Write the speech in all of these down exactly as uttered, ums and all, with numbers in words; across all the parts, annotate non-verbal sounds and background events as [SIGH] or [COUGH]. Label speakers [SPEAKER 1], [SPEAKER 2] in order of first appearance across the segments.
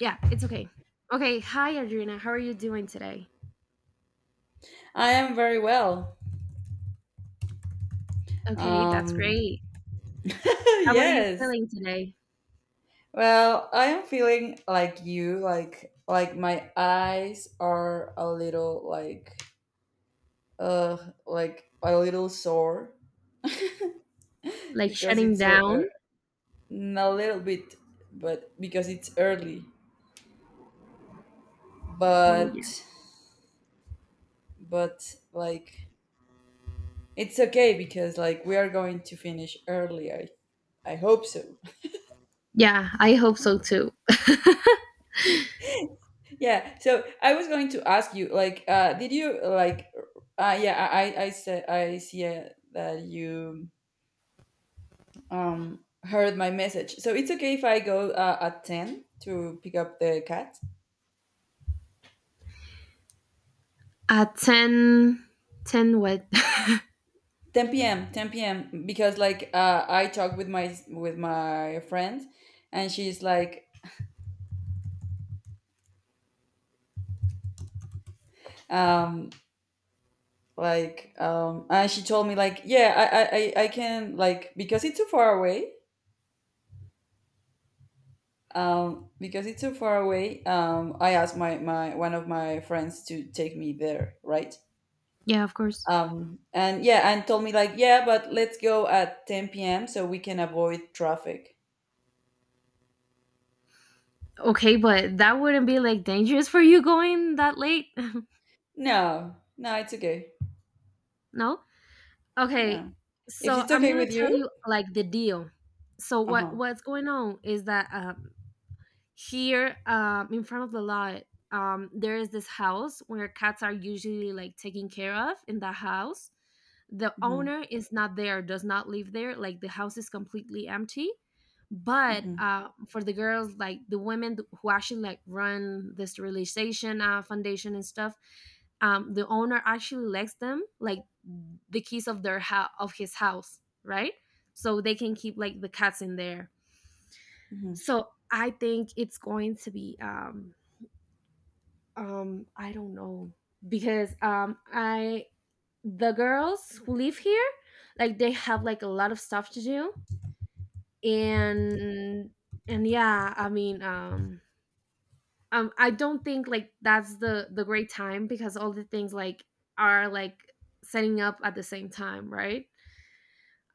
[SPEAKER 1] Yeah, it's okay. Okay, hi Adriana. How are you doing today?
[SPEAKER 2] I am very well.
[SPEAKER 1] Okay, that's
[SPEAKER 2] Um,
[SPEAKER 1] great.
[SPEAKER 2] [LAUGHS]
[SPEAKER 1] How are you
[SPEAKER 2] yes.
[SPEAKER 1] feeling today?
[SPEAKER 2] Well, I am feeling like you, like like my eyes are a little like uh like a little sore
[SPEAKER 1] Like
[SPEAKER 2] because
[SPEAKER 1] shutting
[SPEAKER 2] it's so ear-
[SPEAKER 1] down?
[SPEAKER 2] n- a little bit, but because it's early.
[SPEAKER 1] Oh yeah.
[SPEAKER 2] But but like it's okay because like we are going to finish early. I I hope so.
[SPEAKER 1] Yeah, I hope so too.
[SPEAKER 2] [LAUGHS] Yeah, so I was going to ask you, like, uh, did you like, uh, yeah, I, I I said I see uh, that you um heard my message. So it's okay if I go uh, at ten to pick up the cat.
[SPEAKER 1] Uh ten, ten what? [LAUGHS]
[SPEAKER 2] Ten p m. Ten p m. Because like uh, I talked with my with my friend, and she's like, um, like, um, and she told me like, yeah, I I I I can like because it's too far away. Um, because it's so far away. Um, I asked my, my one of my friends to take me there, right?
[SPEAKER 1] Yeah, of course.
[SPEAKER 2] Um, and yeah, and told me like, yeah, but let's go at ten p m so we can avoid traffic.
[SPEAKER 1] Okay, but that wouldn't be like dangerous for you going that late? [LAUGHS]
[SPEAKER 2] No, no, it's okay.
[SPEAKER 1] No? Okay.
[SPEAKER 2] No, if
[SPEAKER 1] So,
[SPEAKER 2] it's
[SPEAKER 1] I'm
[SPEAKER 2] okay
[SPEAKER 1] going to
[SPEAKER 2] with
[SPEAKER 1] tell
[SPEAKER 2] you,
[SPEAKER 1] you like the deal. So
[SPEAKER 2] uh
[SPEAKER 1] what
[SPEAKER 2] huh.
[SPEAKER 1] what's going on is that uh, here, um, in front of the lot, um, there is this house where cats are usually like taken care of in the house. The
[SPEAKER 2] Mm-hmm,
[SPEAKER 1] owner is not there, does not live there, like the house is completely empty. But
[SPEAKER 2] mm-hmm,
[SPEAKER 1] uh, for the girls, like the women who actually like run the sterilization uh, foundation and stuff, um, the owner actually lets them like the keys of their house, of his house, right? So they can keep like the cats in there.
[SPEAKER 2] mm-hmm,
[SPEAKER 1] So I think it's going to be, um um I don't know, because um I, the girls who live here, like they have like a lot of stuff to do. and and yeah, I mean, um um I don't think like that's the the great time because all the things like are like setting up at the same time, right?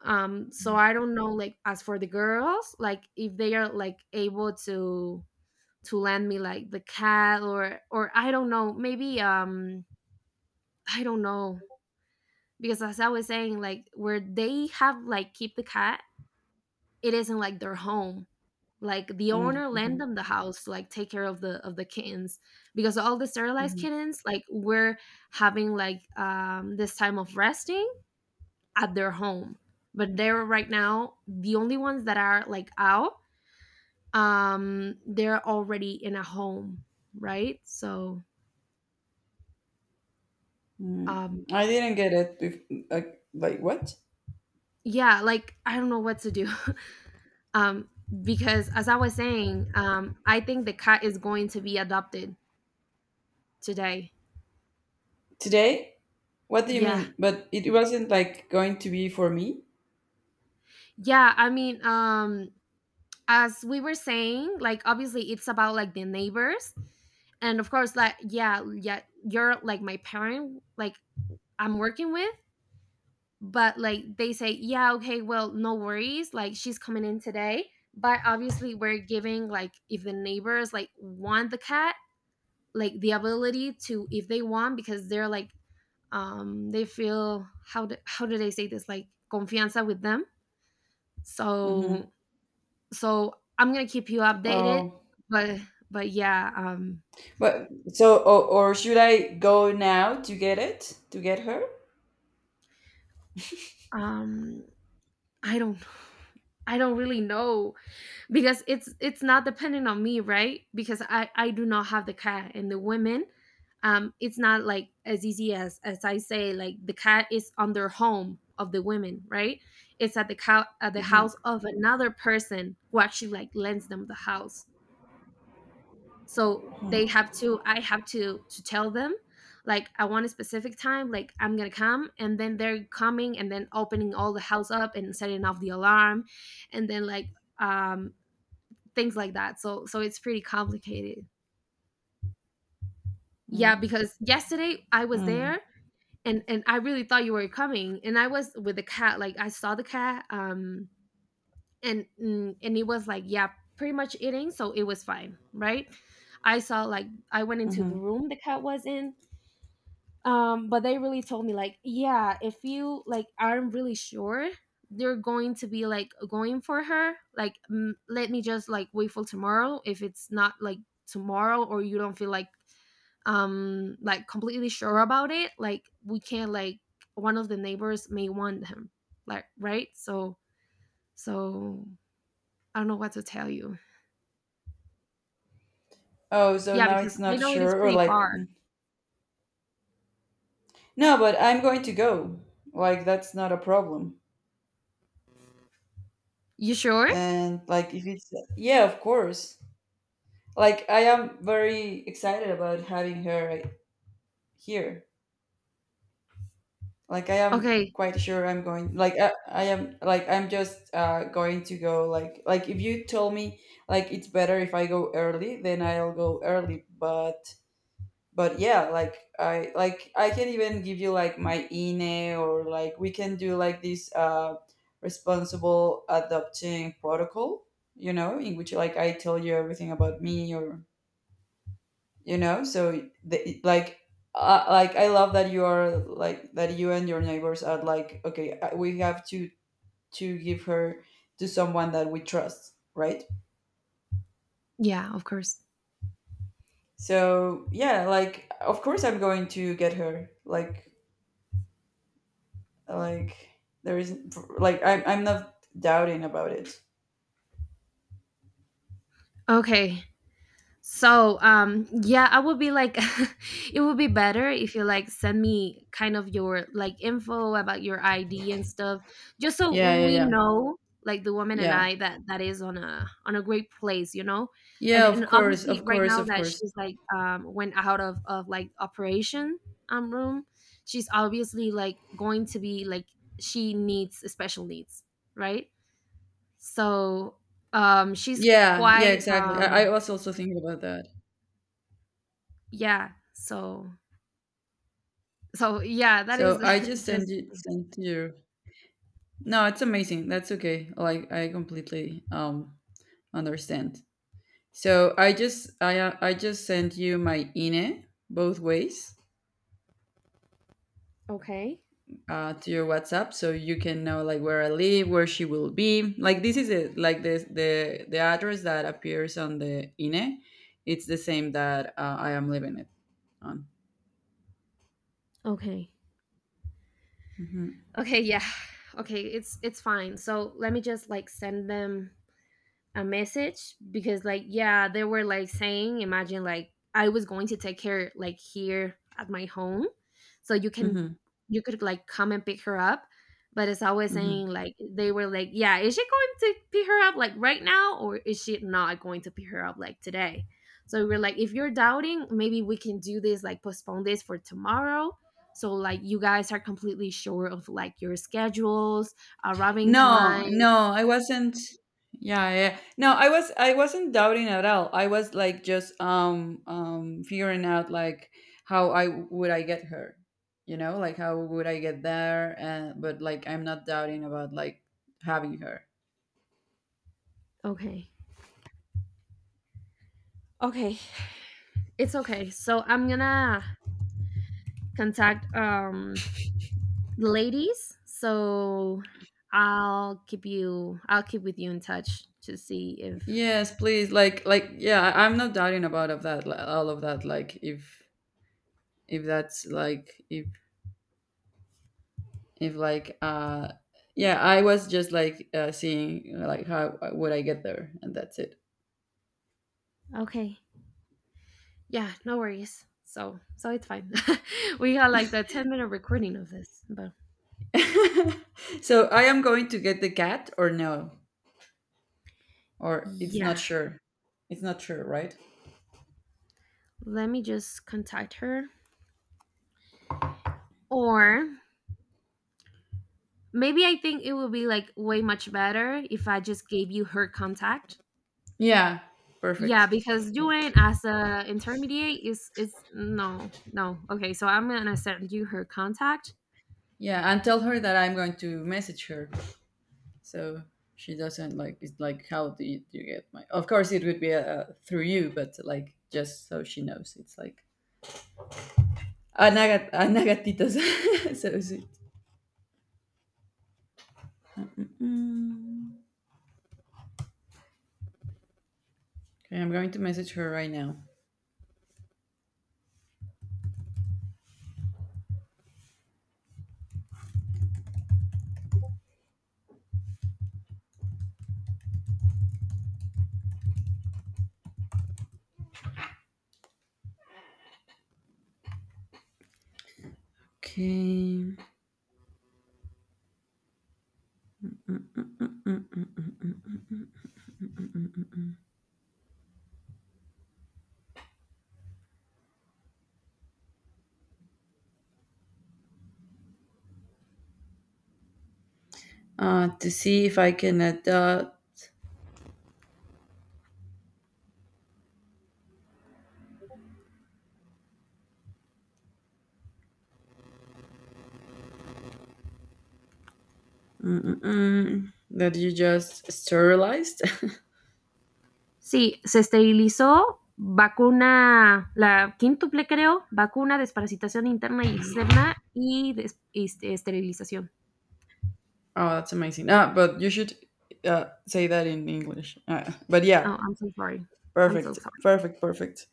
[SPEAKER 1] um So
[SPEAKER 2] mm-hmm,
[SPEAKER 1] I don't know, like as for the girls, like if they are like able to to lend me like the cat, or or I don't know, maybe um I don't know, because as I was saying, like where they have like keep the cat, it isn't like their home. Like the owner
[SPEAKER 2] mm-hmm,
[SPEAKER 1] lend them the house to like take care of the of the kittens because all the sterilized
[SPEAKER 2] mm-hmm.
[SPEAKER 1] kittens like were having like um this time of resting at their home. But they're right now the only ones that are like out, um they're already in a home, right? So um
[SPEAKER 2] Mm-hmm. I didn't get it. Bef- like, like what?
[SPEAKER 1] yeah, like I don't know what to do. [LAUGHS] um because as I was saying, um I think the cat is going to be adopted today.
[SPEAKER 2] Today? What do you
[SPEAKER 1] Yeah.
[SPEAKER 2] mean? But it wasn't like going to be for me.
[SPEAKER 1] Yeah, I mean, um as we were saying, like obviously it's about like the neighbors, and of course, like yeah, yeah, you're like my parent like I'm working with, but like they say yeah, okay, well, no worries, like she's coming in today, but obviously we're giving like if the neighbors like want the cat, like the ability to if they want, because they're like, um they feel how do, how do they say this, like confianza with them.
[SPEAKER 2] Mm-hmm.
[SPEAKER 1] So so I'm gonna keep you updated.
[SPEAKER 2] Um,
[SPEAKER 1] but but yeah, um
[SPEAKER 2] But so, or, or should I go now to get it? To get her?
[SPEAKER 1] um I don't [SIGHS] I don't really know, because it's it's not dependent on me, right? Because i i do not have the cat and the women, um it's not like as easy as as I say, like the cat is on their home of the women, right? It's at the cow at the
[SPEAKER 2] Mhm,
[SPEAKER 1] house of another person who actually like lends them the house. So they
[SPEAKER 2] mhm,
[SPEAKER 1] have to I have to to tell them, like I want a specific time, like I'm gonna come, and then they're coming, and then opening all the house up and setting off the alarm and then like um things like that. So so it's pretty complicated. Yeah,
[SPEAKER 2] mm,
[SPEAKER 1] because yesterday I was there,
[SPEAKER 2] mm,
[SPEAKER 1] and and I really thought you were coming, and I was with the cat, like I saw the cat, um and mm, and it was like yeah, pretty much eating so it was fine, right? I saw like I went into the
[SPEAKER 2] mhm.
[SPEAKER 1] room the cat was in. um but they really told me like yeah, if you like aren't really sure, they're going to be like going for her, like m- let me just like wait for tomorrow, if it's not like tomorrow, or you don't feel like um like completely sure about it, like we can't like one of the neighbors may want him, like, right? So so I don't know what to tell you.
[SPEAKER 2] Oh, so
[SPEAKER 1] Yeah,
[SPEAKER 2] now
[SPEAKER 1] because
[SPEAKER 2] it's
[SPEAKER 1] I
[SPEAKER 2] not
[SPEAKER 1] know it is
[SPEAKER 2] sure, or
[SPEAKER 1] pretty
[SPEAKER 2] like,
[SPEAKER 1] far.
[SPEAKER 2] no, but I'm going to go. Like, that's not a problem.
[SPEAKER 1] You sure?
[SPEAKER 2] And like, if it's, yeah, of course. Like, I am very excited about having her right here. Like I am
[SPEAKER 1] Okay.
[SPEAKER 2] quite sure I'm going, like i, I am, like I'm just uh going to go like like if you told me, like it's better if I go early, then I'll go early, but but yeah, like i like i can even give you like my ine, or like we can do like this uh responsible adopting protocol, you know in which like I tell you everything about me, or you know so the, like uh, like I love that you are like that you and your neighbors are like okay, uh, we have to to give her to someone that we trust, right?
[SPEAKER 1] Yeah, of course.
[SPEAKER 2] So yeah, like of course I'm going to get her, like like there is, like i'm, I'm not doubting about it.
[SPEAKER 1] Okay. So um yeah, I would be like [LAUGHS] it would be better if you like send me kind of your like info about your I D and stuff, just so
[SPEAKER 2] Yeah, yeah,
[SPEAKER 1] we
[SPEAKER 2] yeah.
[SPEAKER 1] know like the woman and
[SPEAKER 2] yeah
[SPEAKER 1] I that that is on a on a great place, you know? And
[SPEAKER 2] yeah of
[SPEAKER 1] and
[SPEAKER 2] course
[SPEAKER 1] obviously
[SPEAKER 2] of
[SPEAKER 1] right
[SPEAKER 2] course
[SPEAKER 1] now
[SPEAKER 2] of
[SPEAKER 1] that
[SPEAKER 2] course
[SPEAKER 1] she's like um went out of of like operation um room, she's obviously like going to be like she needs special needs, right? So um she's
[SPEAKER 2] yeah, yeah,
[SPEAKER 1] quite
[SPEAKER 2] exactly. i,
[SPEAKER 1] um
[SPEAKER 2] I was also thinking about that.
[SPEAKER 1] yeah, so so yeah, that is
[SPEAKER 2] So I just
[SPEAKER 1] [LAUGHS]
[SPEAKER 2] sent
[SPEAKER 1] just the
[SPEAKER 2] you
[SPEAKER 1] thing.
[SPEAKER 2] sent you No, it's amazing. That's okay. Like I completely um understand. So I just I uh, I just sent you my I N E both ways,
[SPEAKER 1] Okay.
[SPEAKER 2] uh, to your WhatsApp, so you can know like where I live, where she will be. Like this is it. Like the the the address that appears on the I N E, it's the same that uh, I am living it on.
[SPEAKER 1] Okay.
[SPEAKER 2] Hmm.
[SPEAKER 1] Okay, yeah. [SIGHS] Okay, it's it's fine. So let me just like send them a message, because like yeah, they were like saying imagine like I was going to take care like here at my home, so you can
[SPEAKER 2] Hmm.
[SPEAKER 1] you could like come and pick her up. But it's always saying
[SPEAKER 2] Hmm.
[SPEAKER 1] like they were like yeah, is she going to pick her up like right now, or is she not going to pick her up like today? So we we're like if you're doubting, maybe we can do this, like postpone this for tomorrow, so like you guys are completely sure of like your schedules arriving
[SPEAKER 2] No,
[SPEAKER 1] time.
[SPEAKER 2] no, I wasn't. Yeah, yeah. No, I was I wasn't doubting at all. I was like just um um figuring out like how I would I get her, you know, like how would I get there, and but like I'm not doubting about like having her.
[SPEAKER 1] Okay. Okay. It's okay. So I'm gonna contact um the ladies. So I'll keep you I'll keep with you in touch to see if
[SPEAKER 2] Yes, please. Like like yeah, I- I'm not doubting about of that li- all of that, like if if that's like if if like uh yeah, I was just like uh, seeing like how uh, would I get there, and that's it.
[SPEAKER 1] okay. Yeah, no worries. So so it's fine. [LAUGHS] We got like the ten minute recording of this, but
[SPEAKER 2] [LAUGHS] So I am going to get the cat or no? Or it's
[SPEAKER 1] yeah.
[SPEAKER 2] not sure. It's not sure, right?
[SPEAKER 1] Let me just contact her. Or maybe I think it would be like way much better if I just gave you her contact.
[SPEAKER 2] Yeah,
[SPEAKER 1] Yeah,
[SPEAKER 2] perfect.
[SPEAKER 1] because doing as a intermediate is is no, no. Okay, so I'm gonna send you her contact.
[SPEAKER 2] Yeah, and tell her that I'm going to message her so she doesn't like it's like how do you, do you get my. Of course it would be uh, through you, but like just so she knows it's like Anagat- anagatitos. [LAUGHS] So sweet. Mm. Okay, I'm going to message her right now. Okay. Uh to see if I can adopt. Mm-mm-mm. That you just sterilized. [LAUGHS]
[SPEAKER 1] Sí, se esterilizó vacuna, la quíntuple creo, vacuna, desparasitación interna y externa y des- este, esterilización.
[SPEAKER 2] Oh, that's amazing. Ah, but you should uh, say that in English. Uh, but yeah,
[SPEAKER 1] Oh, I'm so sorry. I'm so
[SPEAKER 2] perfect,
[SPEAKER 1] sorry.
[SPEAKER 2] perfect, perfect.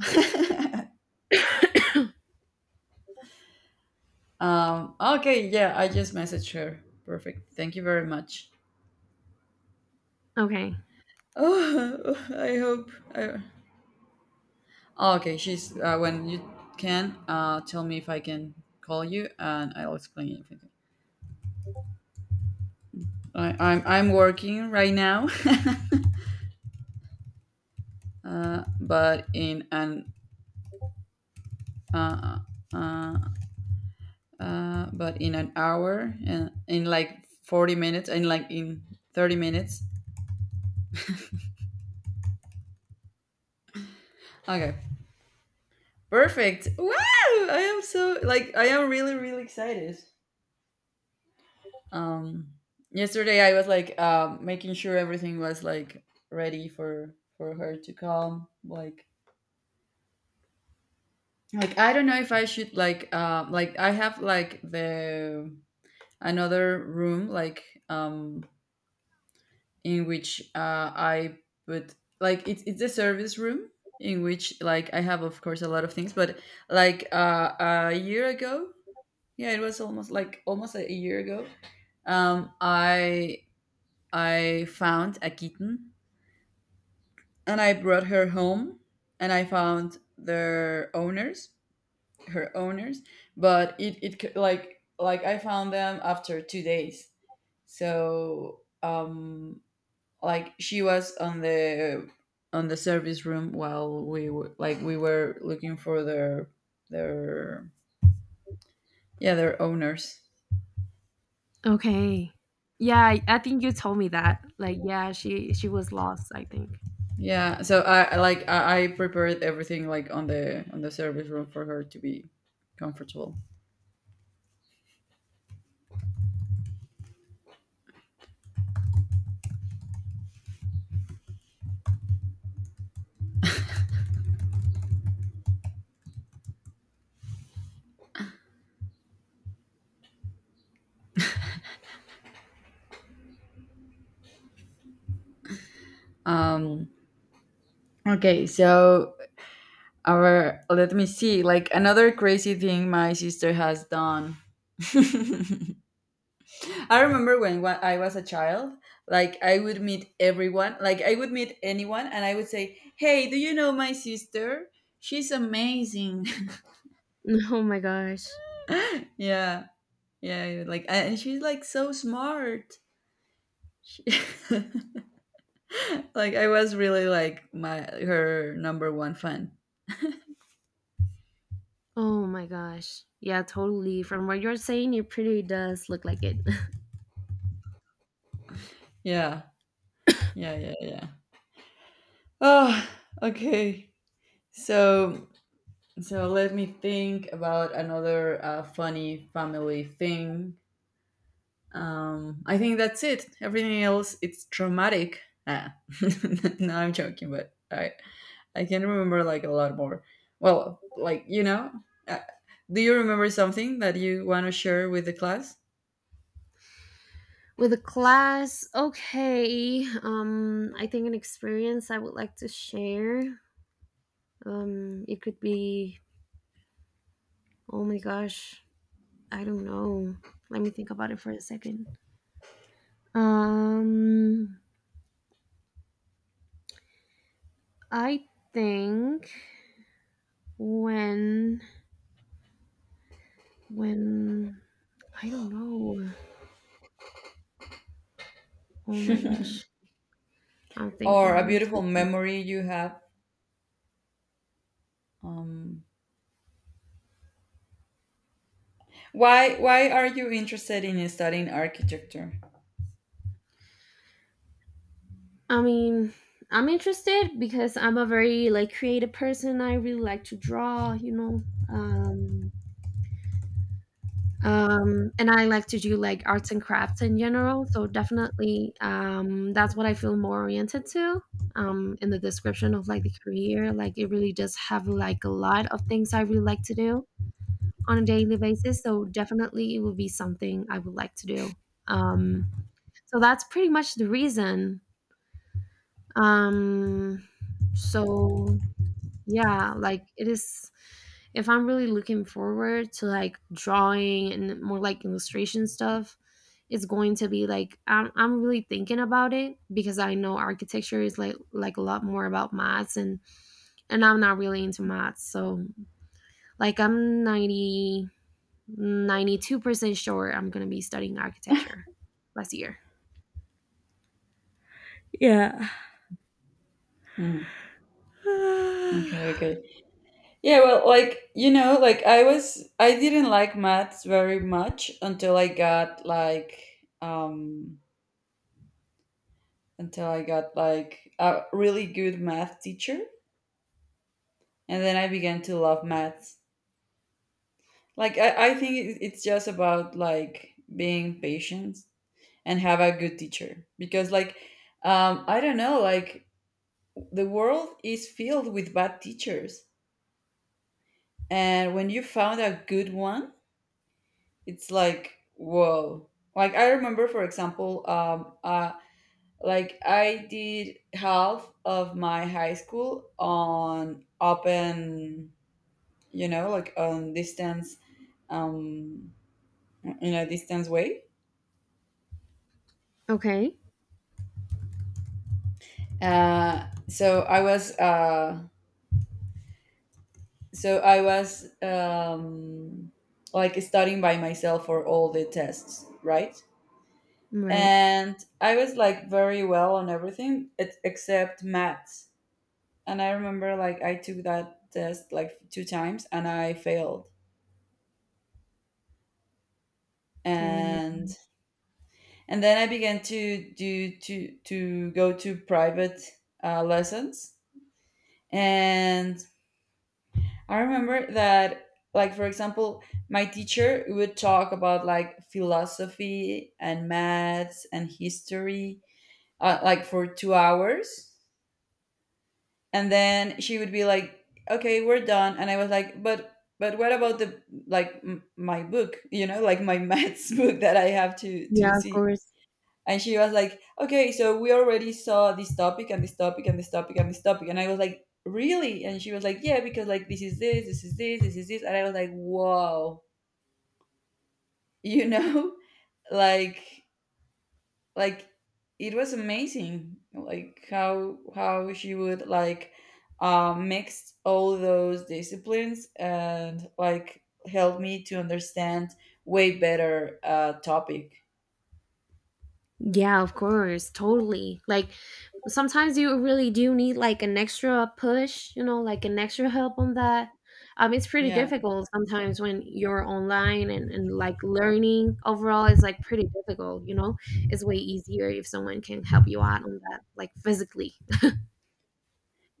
[SPEAKER 2] [LAUGHS] um, Okay, yeah, I just messaged her. Perfect. Thank you very much.
[SPEAKER 1] Okay.
[SPEAKER 2] Oh, [LAUGHS] I hope. I... oh, okay, she's uh, when you can uh, tell me if I can call you, and I'll explain everything. I, I'm I'm working right now, [LAUGHS] uh, but in an uh, uh, uh, but in an hour and in like forty minutes, and like in thirty minutes. Okay, perfect. Wow, I am so, like I am really really excited. um Yesterday I was like uh, making sure everything was like ready for for her to come, like like I don't know if I should like um like I have like the another room, like um in which uh, I put, like it's it's a service room in which like I have, of course, a lot of things, but like uh, a year ago, yeah, it was almost like almost a year ago. Um, I I found a kitten, and I brought her home, and I found their owners, her owners, but it it c- like like I found them after two days. So um like she was on the on the service room while we were like we were looking for their their yeah their owners.
[SPEAKER 1] Okay. Yeah, I I think you told me that. Like, yeah, she she was lost, I think.
[SPEAKER 2] Yeah, so i I, like i, I prepared everything, like on the on the service room for her to be comfortable. um okay, so our, let me see, like another crazy thing my sister has done. [LAUGHS] I remember when wa- I was a child, like I would meet everyone, like I would meet anyone, and I would say, "Hey, do you know my sister? She's amazing."
[SPEAKER 1] [LAUGHS] Oh my gosh.
[SPEAKER 2] [LAUGHS] Yeah, yeah, like, and she's like so smart. She- [LAUGHS] like I was really like my, her number one fan.
[SPEAKER 1] Oh my gosh. Yeah, totally. From what you're saying, it pretty does look like it. [LAUGHS]
[SPEAKER 2] Yeah, yeah, yeah, yeah. Oh, okay. So so let me think about another uh, funny family thing. Um, I think that's it. Everything else, it's traumatic. Ah. [LAUGHS] No, I'm joking, but I, I can remember like a lot more. Well, like you know, uh, do you remember something that you want to share with the class,
[SPEAKER 1] With a class, okay. Um, I think an experience I would like to share. Um, it could be oh my gosh, I don't know. Let me think about it for a second. Um, I think when when I don't know. Oh my gosh. I'm
[SPEAKER 2] or
[SPEAKER 1] thinking.
[SPEAKER 2] a
[SPEAKER 1] I'm so
[SPEAKER 2] beautiful memory you have? Um, why why are you interested in studying architecture?
[SPEAKER 1] I mean, I'm interested because I'm a very like creative person. I really like to draw, you know. Um um and I like to do like arts and crafts in general, so definitely um that's what I feel more oriented to. Um in the description of like the career, like it really does have like a lot of things I really like to do on a daily basis, so definitely it would be something I would like to do. Um so that's pretty much the reason. Um so yeah, like it is if I'm really looking forward to like drawing and more like illustration stuff, it's going to be like i'm, I'm really thinking about it, because I know architecture is like like a lot more about maths, and and I'm not really into maths. So like I'm ninety two percent sure I'm going to be studying architecture last year.
[SPEAKER 2] Mm, okay, okay. Yeah, well, like, you know, like I was, I didn't like maths very much until I got like, um, until I got like a really good math teacher, and then I began to love maths. Like I, I think it- it's just about like being patient and have a good teacher, because like um, I don't know, like the world is filled with bad teachers, and when you found a good one, it's like whoa. Like I remember, for example, um, uh, like I did half of my high school on open, you know, like on distance, um, in a distance way.
[SPEAKER 1] Okay.
[SPEAKER 2] Uh, so I was, uh, so I was um, like studying by myself for all the tests, right?
[SPEAKER 1] Right.
[SPEAKER 2] And I was like very well on everything ex- except maths. And I remember like I took that test like two times, and I failed.
[SPEAKER 1] Oh my
[SPEAKER 2] And
[SPEAKER 1] gosh.
[SPEAKER 2] and then I began to do to to go to private uh, lessons. And I remember that, like, for example, my teacher would talk about like philosophy and maths and history, uh, like for two hours. And then she would be like, okay, we're done. And I was like, but, but what about the, like, m- my book, you know, like my [LAUGHS] maths book that I have to, to
[SPEAKER 1] Yeah, of
[SPEAKER 2] see?
[SPEAKER 1] course.
[SPEAKER 2] And she was like, okay, so we already saw this topic and this topic and this topic and this topic. And I was like, really? And she was like, yeah, because like this is this, this is this, this is this. And I was like, wow, you know [LAUGHS] like like it was amazing, like how how she would like uh, mix all those disciplines and like help me to understand way better uh, topic.
[SPEAKER 1] Yeah, of course, totally. Like sometimes you really do need like an extra push, you know, like an extra help on that. Um, it's pretty
[SPEAKER 2] Yeah.
[SPEAKER 1] difficult sometimes when you're online, and, and like learning overall is like pretty difficult, you know. It's way easier if someone can help you out on that, like physically.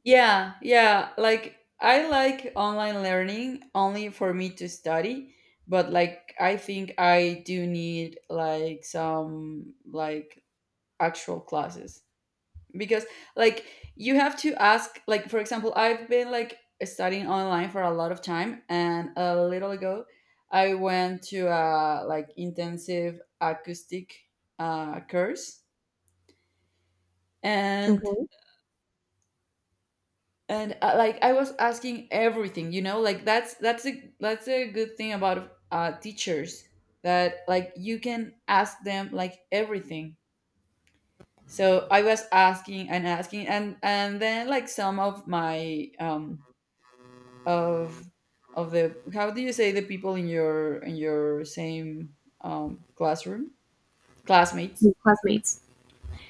[SPEAKER 2] Yeah, yeah. Like I like online learning only for me to study, but like I think I do need like some like actual classes, because like you have to ask, like for example, I've been like studying online for a lot of time, and a little ago I went to a like intensive acoustic uh course. and
[SPEAKER 1] Okay.
[SPEAKER 2] and uh, like I was asking everything, you know like that's that's a that's a good thing about uh teachers, that like you can ask them like everything. So I was asking and asking, and and then like some of my um of of the, how do you say, the people in your in your same um classroom, classmates.
[SPEAKER 1] Your [LAUGHS] classmates.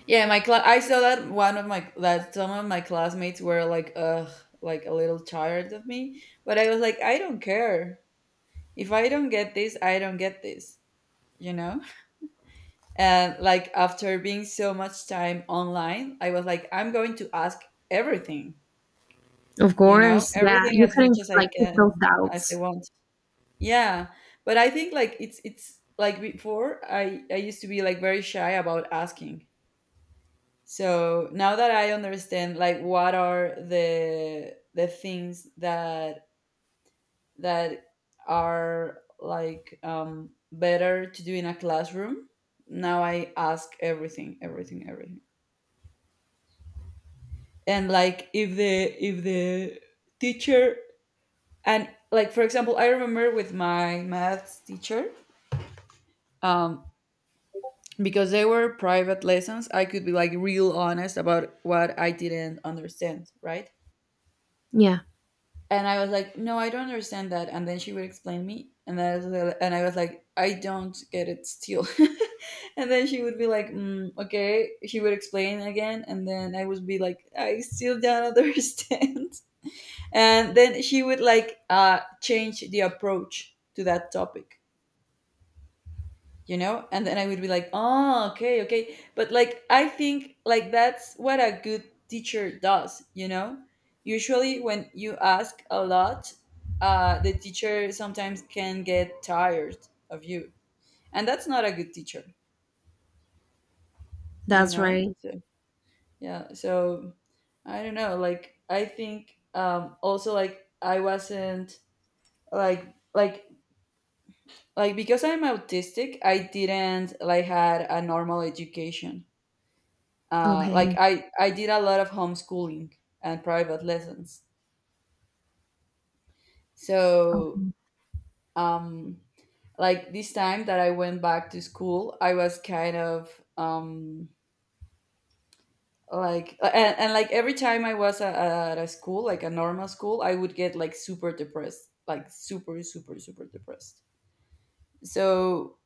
[SPEAKER 2] Yeah, my class. I saw that one of my, that some of my classmates were like, ugh, like a little tired of me. But I was like, I don't care. If I don't get this, I don't get this. You know. [LAUGHS] And like after being so much time online, I was like, I'm going to ask everything.
[SPEAKER 1] Of
[SPEAKER 2] You know,
[SPEAKER 1] course. Yeah.
[SPEAKER 2] everything
[SPEAKER 1] You
[SPEAKER 2] as much
[SPEAKER 1] couldn't
[SPEAKER 2] as I
[SPEAKER 1] like keep
[SPEAKER 2] can,
[SPEAKER 1] those
[SPEAKER 2] as I
[SPEAKER 1] doubts.
[SPEAKER 2] want. Yeah, but I think like it's it's like before I I used to be like very shy about asking. So now that I understand like what are the the things that that are like um better to do in a classroom, now I ask everything, everything, everything. And like if the if the teacher, and like for example, I remember with my maths teacher, um because they were private lessons, I could be like real honest about what I didn't understand, right?
[SPEAKER 1] Yeah,
[SPEAKER 2] And I was like, no, I don't understand that. And then she would explain me, and then I was, like, and I was like, I don't get it still. [LAUGHS] And then she would be like, mm, okay. She would explain again, and then I would be like, I still don't [LAUGHS] understand. And then she would like uh, change the approach to that topic, you know? And then I would be like, oh, okay, okay. But like I think like that's what a good teacher does, you know? Usually when you ask a lot, uh, the teacher sometimes can get tired of you, and that's not a good teacher, you
[SPEAKER 1] that's
[SPEAKER 2] know?
[SPEAKER 1] right.
[SPEAKER 2] So yeah, so I don't know, like I think um also like I wasn't like like like because I'm autistic, I didn't like had a normal education. Uh, like
[SPEAKER 1] Okay.
[SPEAKER 2] I, I did a lot of homeschooling and private lessons. So,
[SPEAKER 1] Okay.
[SPEAKER 2] um, like this time that I went back to school, I was kind of um, like, and, and like every time I was a, at a school, like a normal school, I would get like super depressed, like super, super, super depressed. So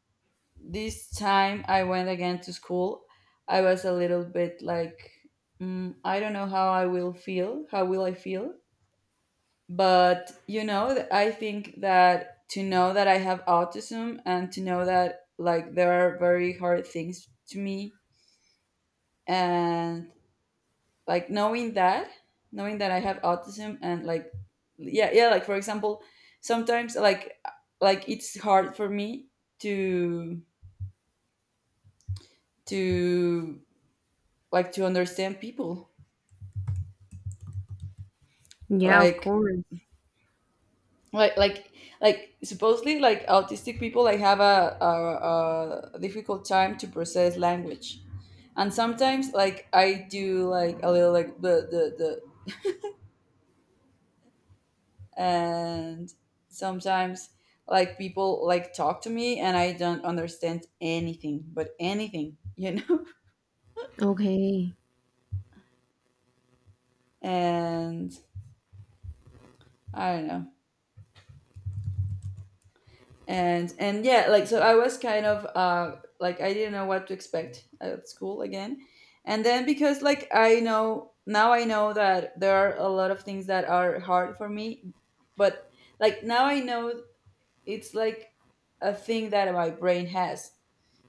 [SPEAKER 2] this time I went again to school, I was a little bit like, mm, I don't know how I will feel. How will I feel? But you know, th- I think that to know that I have autism and to know that like there are very hard things to me, and like knowing that, knowing that I have autism and like, yeah, yeah, like for example, sometimes like like it's hard for me to to like to understand people.
[SPEAKER 1] Yeah, of
[SPEAKER 2] like
[SPEAKER 1] course.
[SPEAKER 2] like like like supposedly like autistic people like have a, a, a difficult time to process language. And sometimes like I do like a little like the the the and sometimes like people like talk to me and I don't understand anything but anything, you know?
[SPEAKER 1] Okay.
[SPEAKER 2] [LAUGHS] And I don't know. And and yeah, like so I was kind of uh like I didn't know what to expect at school again. And then because like I know, now I know that there are a lot of things that are hard for me, but like now I know it's like a thing that my brain has,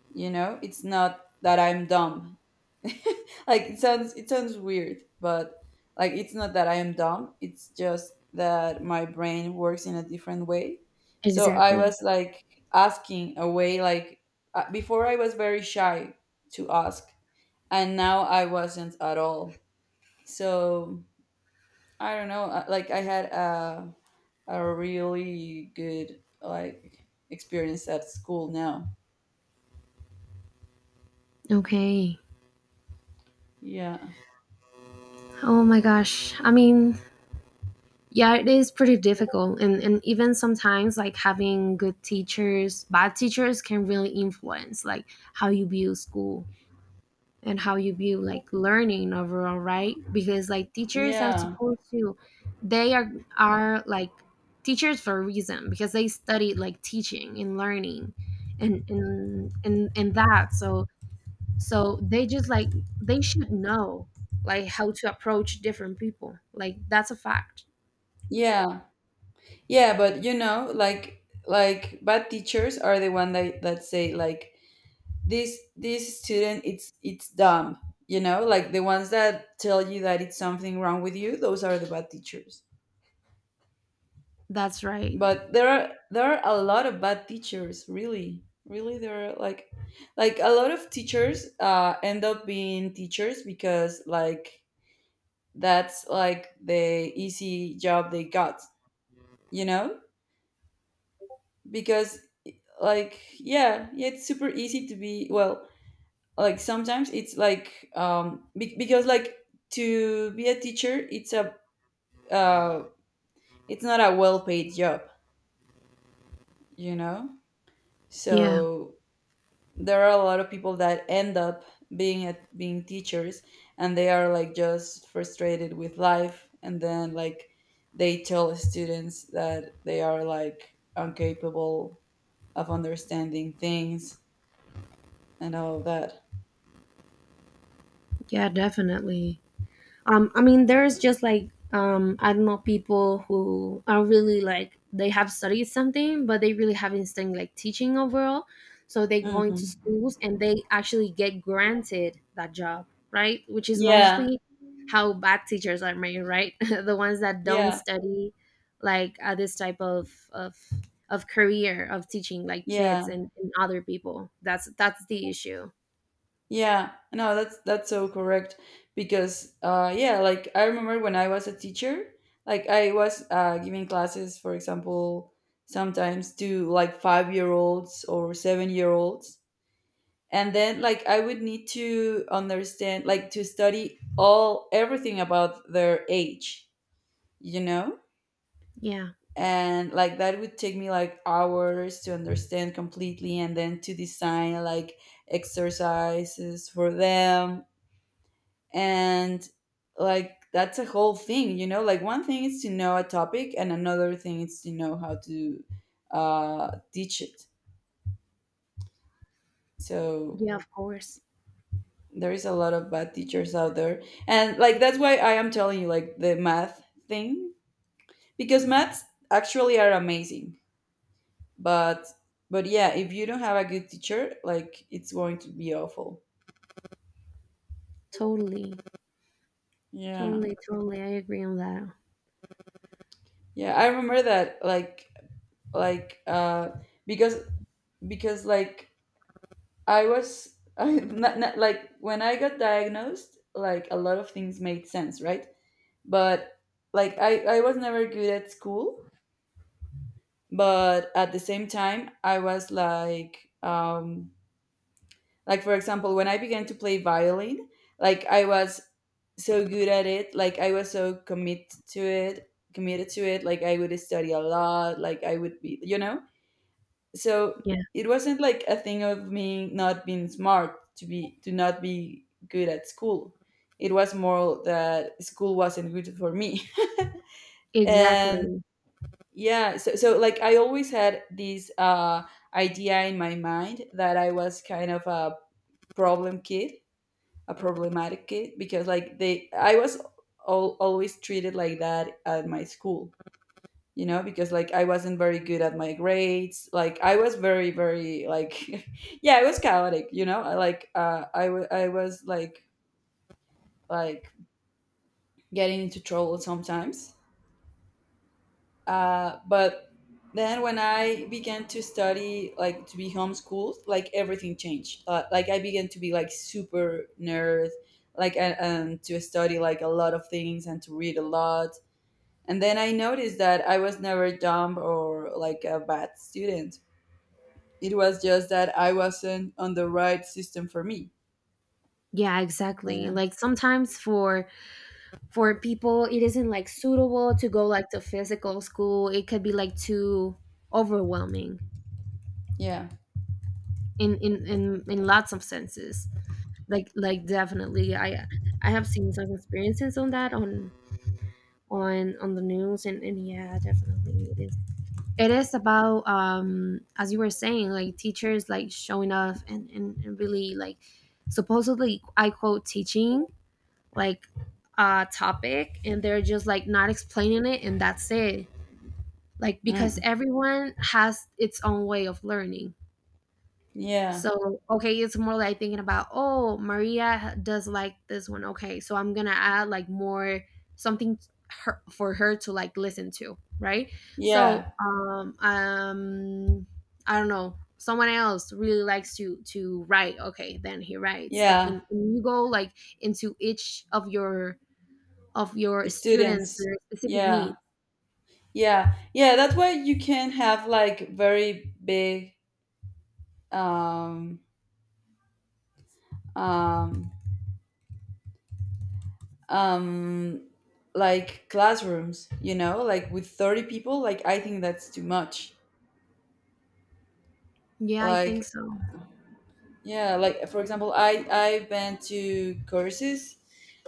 [SPEAKER 2] you know? It's not that I'm dumb. [LAUGHS] Like it sounds, it sounds weird, but like it's not that I am dumb, it's just that my brain works in a different way. So I
[SPEAKER 1] Exactly.
[SPEAKER 2] was like asking a way, like, uh, before I was very shy to ask, and now I wasn't at all. So I don't know, uh, like I had a, a really good like experience at school now.
[SPEAKER 1] Okay.
[SPEAKER 2] Yeah,
[SPEAKER 1] Oh my gosh. I mean, yeah, it is pretty difficult. And, and even sometimes, like having good teachers, bad teachers can really influence like how you view school and how you view like learning overall, right? Because like teachers are
[SPEAKER 2] yeah,
[SPEAKER 1] supposed to, they are, are like teachers for a reason, because they study like teaching and learning and, and, and, and that. So, so they just like they should know like how to approach different people, like that's a fact.
[SPEAKER 2] yeah. Yeah, but you know, like like bad teachers are the one that that say like this this student it's it's dumb. You know, like the ones that tell you that it's something wrong with you, those are the bad teachers.
[SPEAKER 1] That's right.
[SPEAKER 2] But there are, there are a lot of bad teachers, really. Really there are like like a lot of teachers uh end up being teachers because like that's like the easy job they got, you know? Because like yeah, yeah, it's super easy to be, well, like sometimes it's like um be- because like to be a teacher it's a, uh it's not a well paid job, you know?
[SPEAKER 1] Yeah.
[SPEAKER 2] So there are a lot of people that end up being at being teachers, and they are like just frustrated with life, and then like they tell students that they are like incapable of understanding things and all of that.
[SPEAKER 1] Yeah, definitely. um I mean there's just like um I don't know, people who are really like they have studied something, but they really haven't studied like teaching overall, so they go into
[SPEAKER 2] Hmm.
[SPEAKER 1] schools and they actually get granted that job, right? Which is
[SPEAKER 2] Yeah.
[SPEAKER 1] mostly how bad teachers are made, right? [LAUGHS] The ones that don't
[SPEAKER 2] Yeah,
[SPEAKER 1] study like uh, this type of of of career of teaching like kids
[SPEAKER 2] yeah,
[SPEAKER 1] and, and other people. that's that's the issue.
[SPEAKER 2] yeah. No, that's that's so correct, because uh yeah, like I remember when I was a teacher, like I was uh giving classes, for example, sometimes to like five-year-olds or seven-year-olds. And then like I would need to understand, like to study all everything about their age, you know?
[SPEAKER 1] Yeah.
[SPEAKER 2] And like that would take me like hours to understand completely, and then to design like exercises for them. And like that's a whole thing, you know? Like one thing is to know a topic, and another thing is to know how to uh, teach it. So
[SPEAKER 1] Yeah, of course.
[SPEAKER 2] there is a lot of bad teachers out there, and like that's why I am telling you like the math thing, because maths actually are amazing, but but yeah, if you don't have a good teacher, like it's going to be awful.
[SPEAKER 1] Totally.
[SPEAKER 2] Yeah.
[SPEAKER 1] Totally, totally. I agree on that.
[SPEAKER 2] Yeah, I remember that like like uh because because like I was [LAUGHS] I, not, not, like when I got diagnosed, like a lot of things made sense, right? But like i i was never good at school, but at the same time I was like um like for example, when I began to play violin, like I was so good at it, like I was so commit to it committed to it, like I would study a lot, like I would be, you know? So
[SPEAKER 1] Yeah,
[SPEAKER 2] it wasn't like a thing of me not being smart to be to not be good at school. It was more that school wasn't good for me. [LAUGHS] And
[SPEAKER 1] exactly.
[SPEAKER 2] yeah, so, so like I always had this uh idea in my mind that I was kind of a problem kid a problematic kid, because like they I was al- always treated like that at my school, you know? Because like I wasn't very good at my grades, like I was very very like [LAUGHS] yeah, I was chaotic, you know? I, like uh, I wa- I was like like getting into trouble sometimes. Uh, but then when I began to study, like to be homeschooled, like everything changed. Uh, like I began to be like super nerd, like and, and to study like a lot of things and to read a lot. And then I noticed that I was never dumb or like a bad student. It was just that I wasn't on the right system for me.
[SPEAKER 1] Yeah, exactly.
[SPEAKER 2] Yeah.
[SPEAKER 1] Like sometimes for for people it isn't like suitable to go like to physical school. It could be like too overwhelming
[SPEAKER 2] Yeah.
[SPEAKER 1] in in in, in lots of senses. Like like definitely I I have seen some experiences on that on on on the news, and and yeah, definitely it is it is about um as you were saying like teachers like showing off, and and, and really like supposedly I quote teaching like a topic, and they're just like not explaining it, and that's it, like because
[SPEAKER 2] Mm.
[SPEAKER 1] everyone has its own way of learning.
[SPEAKER 2] Yeah.
[SPEAKER 1] So, okay, it's more like thinking about, oh, Maria does like this one. Okay, so I'm gonna add like more something her, for her to like listen to, right? So,
[SPEAKER 2] Yeah.
[SPEAKER 1] um, um, I don't know. Someone else really likes to to write. Okay, then he writes, and, and,
[SPEAKER 2] Yeah.
[SPEAKER 1] and you go like into each of your of your students
[SPEAKER 2] Students.
[SPEAKER 1] their specific
[SPEAKER 2] Yeah.
[SPEAKER 1] needs.
[SPEAKER 2] Yeah, yeah, that way you can have like very big um um um like classrooms, you know, like with thirty people, like I think that's too much.
[SPEAKER 1] Yeah, I think
[SPEAKER 2] Like
[SPEAKER 1] so.
[SPEAKER 2] yeah, like for example, I I've been to courses,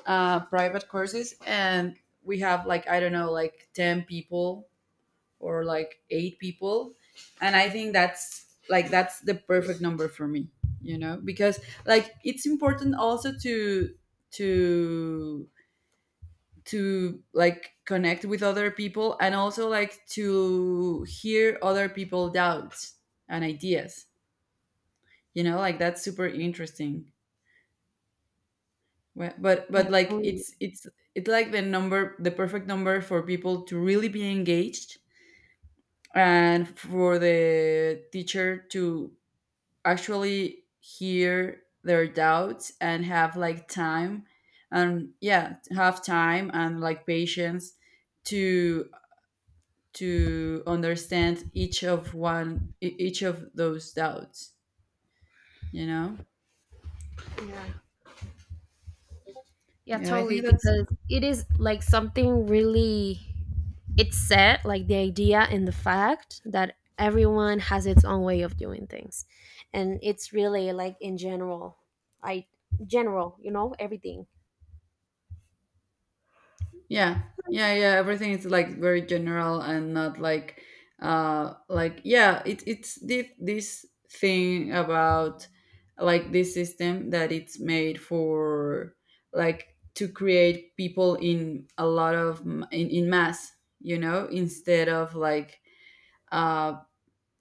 [SPEAKER 2] uh private courses, and we have like I don't know, like ten people or like eight people. And I think that's like that's the perfect number for me, you know, because like it's important also to to to like connect with other people, and also like to hear other people doubts and ideas, you know? Like that's super interesting. Wh- but
[SPEAKER 1] Yeah,
[SPEAKER 2] but like
[SPEAKER 1] totally.
[SPEAKER 2] it's it's it's like the number, the perfect number for people to really be engaged, and for the teacher to actually hear their doubts and have like time, and yeah, have time and like patience to to understand each of one e- each of those doubts, you know?
[SPEAKER 1] Yeah. Yeah,
[SPEAKER 2] Yeah, I
[SPEAKER 1] totally.
[SPEAKER 2] think that's.
[SPEAKER 1] Because it is like something really, it's set, like the idea and the fact that everyone has its own way of doing things. And it's really like in general, I, general, you know, everything.
[SPEAKER 2] Yeah, yeah, yeah. Everything is like very general and not like, uh, like yeah. It, it's this this thing about like this system that it's made for like to create people in a lot of m- in, in mass, you know, instead of like uh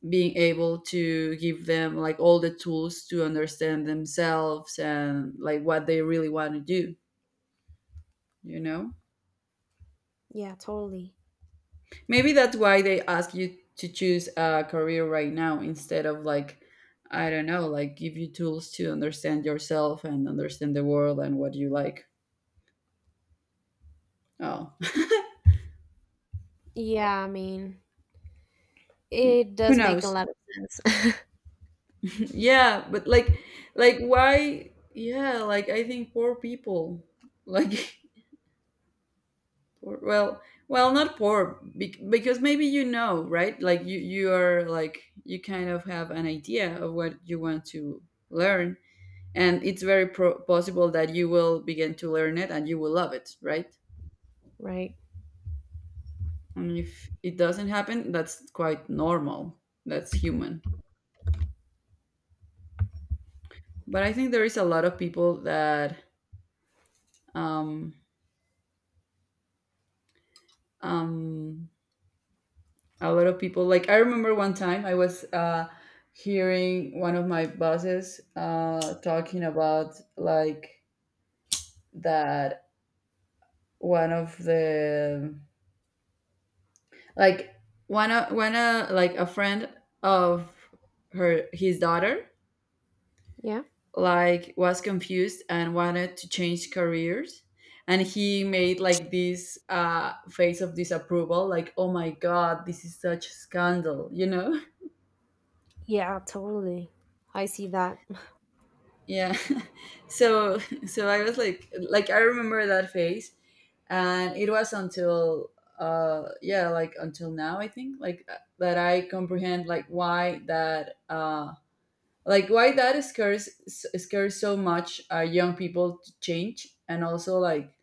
[SPEAKER 2] being able to give them like all the tools to understand themselves and like what they really want to do, you know?
[SPEAKER 1] Yeah, totally.
[SPEAKER 2] Maybe that's why they ask you to choose a career right now, instead of like, I don't know, like give you tools to understand yourself and understand the world and what you like. Oh,
[SPEAKER 1] Yeah, I mean, it
[SPEAKER 2] [LAUGHS] who
[SPEAKER 1] does make a
[SPEAKER 2] knows?
[SPEAKER 1] lot of sense,
[SPEAKER 2] [LAUGHS] Yeah, but like, like why? Yeah, like I think poor people, like, [LAUGHS] poor, well, well, not poor bec- because maybe you know, right? Like you, you are like you kind of have an idea of what you want to learn, and it's very pro- possible that you will begin to learn it and you will love it, right?
[SPEAKER 1] [LAUGHS] right?
[SPEAKER 2] And if it doesn't happen, that's quite normal. That's human. But I think there is a lot of people that um um a lot of people, like I remember one time I was uh hearing one of my bosses uh talking about like that one of the, like one of, one uh, like a friend of her, his daughter,
[SPEAKER 1] Yeah.
[SPEAKER 2] like was confused and wanted to change careers. And he made like this uh, face of disapproval, like, oh my god, this is such a scandal you know
[SPEAKER 1] Yeah, totally. I see that.
[SPEAKER 2] [LAUGHS] Yeah. [LAUGHS] so so I was like, like I remember that face. And it was until uh yeah, like until now I think like uh, that I comprehend like why that uh like why that scares s- scares so much, uh, young people to change. And also like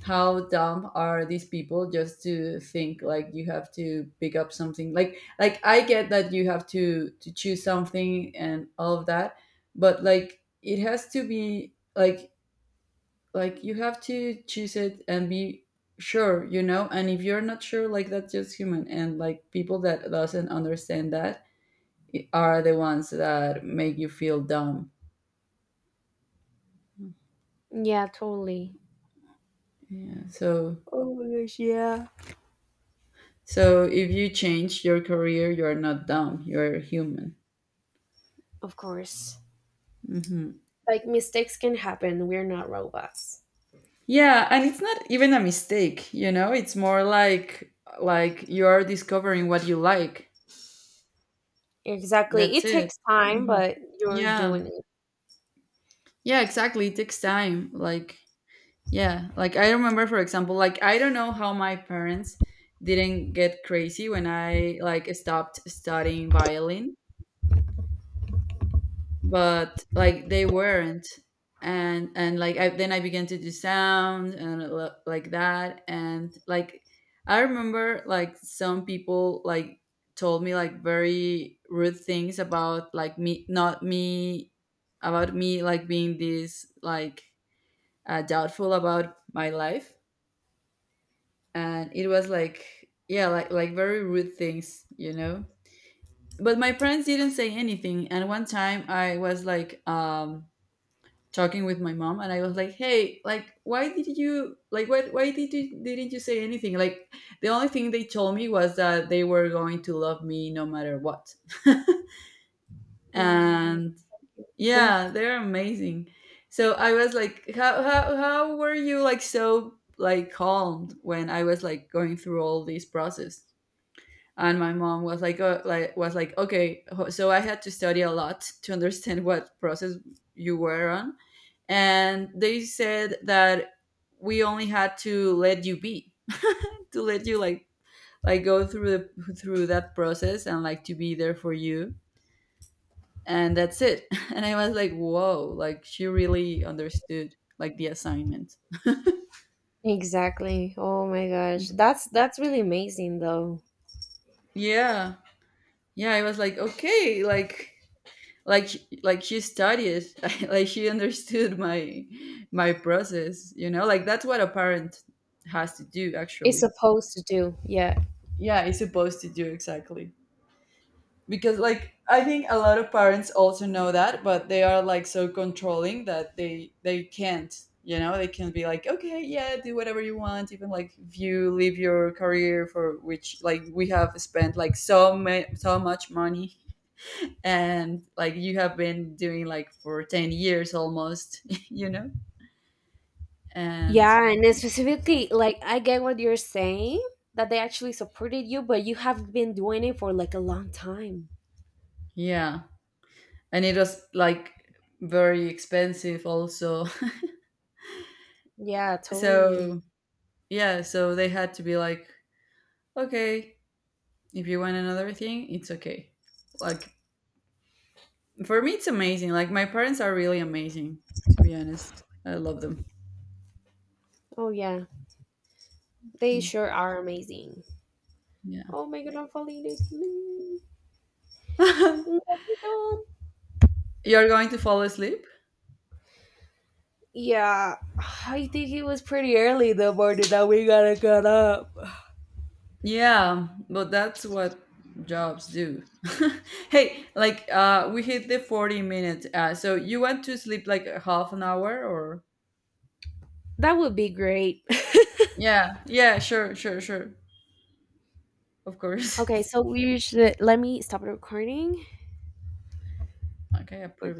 [SPEAKER 2] how dumb are these people just to think like you have to pick up something, like like I get that you have to to choose something and all of that, but like it has to be like like you have to choose it and be sure, you know? And if you're not sure, like that's just human. And like people that doesn't understand that i- are the ones that make you feel dumb.
[SPEAKER 1] Yeah, totally.
[SPEAKER 2] Yeah. So
[SPEAKER 1] Oh my gosh, yeah.
[SPEAKER 2] so if you change your career, you're not dumb. You're human.
[SPEAKER 1] Of course.
[SPEAKER 2] Hmm.
[SPEAKER 1] Like mistakes can happen. We're not robots.
[SPEAKER 2] Yeah, and it's not even a mistake. You know, it's more like like you are discovering what you like.
[SPEAKER 1] Exactly.
[SPEAKER 2] That's
[SPEAKER 1] It
[SPEAKER 2] it.
[SPEAKER 1] takes time,
[SPEAKER 2] Hmm.
[SPEAKER 1] but you're
[SPEAKER 2] Yeah.
[SPEAKER 1] doing it.
[SPEAKER 2] Yeah, exactly. It takes time. Like, yeah. Like I remember, for example, like I don't know how my parents didn't get crazy when I like stopped studying violin, but like they weren't. And and like I, then I began to do sound and l- like that. And like I remember like some people like told me like very rude things about like me, not me about me, like being this like, uh, doubtful about my life. And it was like, yeah, like like very rude things, you know. But my parents didn't say anything. And one time I was like, um talking with my mom, and I was like, hey, like why did you, like why, why did you, didn't you say anything? Like the only thing they told me was that they were going to love me no matter what. [LAUGHS]
[SPEAKER 1] Oh my
[SPEAKER 2] And
[SPEAKER 1] god.
[SPEAKER 2] yeah,
[SPEAKER 1] [LAUGHS]
[SPEAKER 2] they're amazing. So I was like, how, how how were you like so like calmed when I was like going through all this process? And my mom was like, uh, like was like, okay, so I had to study a lot to understand what process you were on. And they said that we only had to let you be [LAUGHS] to let you like like go through the, through that process and like to be there for you, and that's it. [LAUGHS] And I was like, whoa, like she really understood like the assignment.
[SPEAKER 1] Exactly. Oh my gosh. That's that's really amazing though.
[SPEAKER 2] Yeah. Yeah, I was like, okay, like, like like she studied. [LAUGHS] Like she understood my my process, you know, like that's what a parent has to do,
[SPEAKER 1] It's
[SPEAKER 2] actually.
[SPEAKER 1] supposed to do. Yeah.
[SPEAKER 2] Yeah, it's supposed to do, exactly. Because like I think a lot of parents also know that, but they are like so controlling that they they can't, you know. They can be like, okay, yeah, do whatever you want, even like if you leave your career for which like we have spent like so ma- so much money and like you have been doing like for ten years almost. [LAUGHS] You know. And
[SPEAKER 1] Yeah, and then specifically like I get what you're saying that they actually supported you, but you have been doing it for like a long time.
[SPEAKER 2] yeah. And it was like very expensive also.
[SPEAKER 1] Yeah,
[SPEAKER 2] [LAUGHS]
[SPEAKER 1] totally.
[SPEAKER 2] So yeah, so they had to be like, okay, if you want another thing, it's okay. Like for me, it's amazing, like my parents are really amazing. To be honest, I love them.
[SPEAKER 1] Oh yeah. They
[SPEAKER 2] Okay.
[SPEAKER 1] sure are amazing.
[SPEAKER 2] Yeah.
[SPEAKER 1] Oh my god, I'm falling asleep.
[SPEAKER 2] [LAUGHS] You're going to fall asleep.
[SPEAKER 1] Yeah, I think it was pretty early in the morning that we gotta get up.
[SPEAKER 2] Yeah, but that's what jobs do. [LAUGHS] Hey, like uh we hit the forty minutes, uh so you want to sleep like a half an hour or?
[SPEAKER 1] That would be great.
[SPEAKER 2] Yeah, yeah, sure, sure, sure. Of
[SPEAKER 1] [LAUGHS] okay,
[SPEAKER 2] course.
[SPEAKER 1] so we should let me stop the recording.
[SPEAKER 2] [LAUGHS] Okay, approve.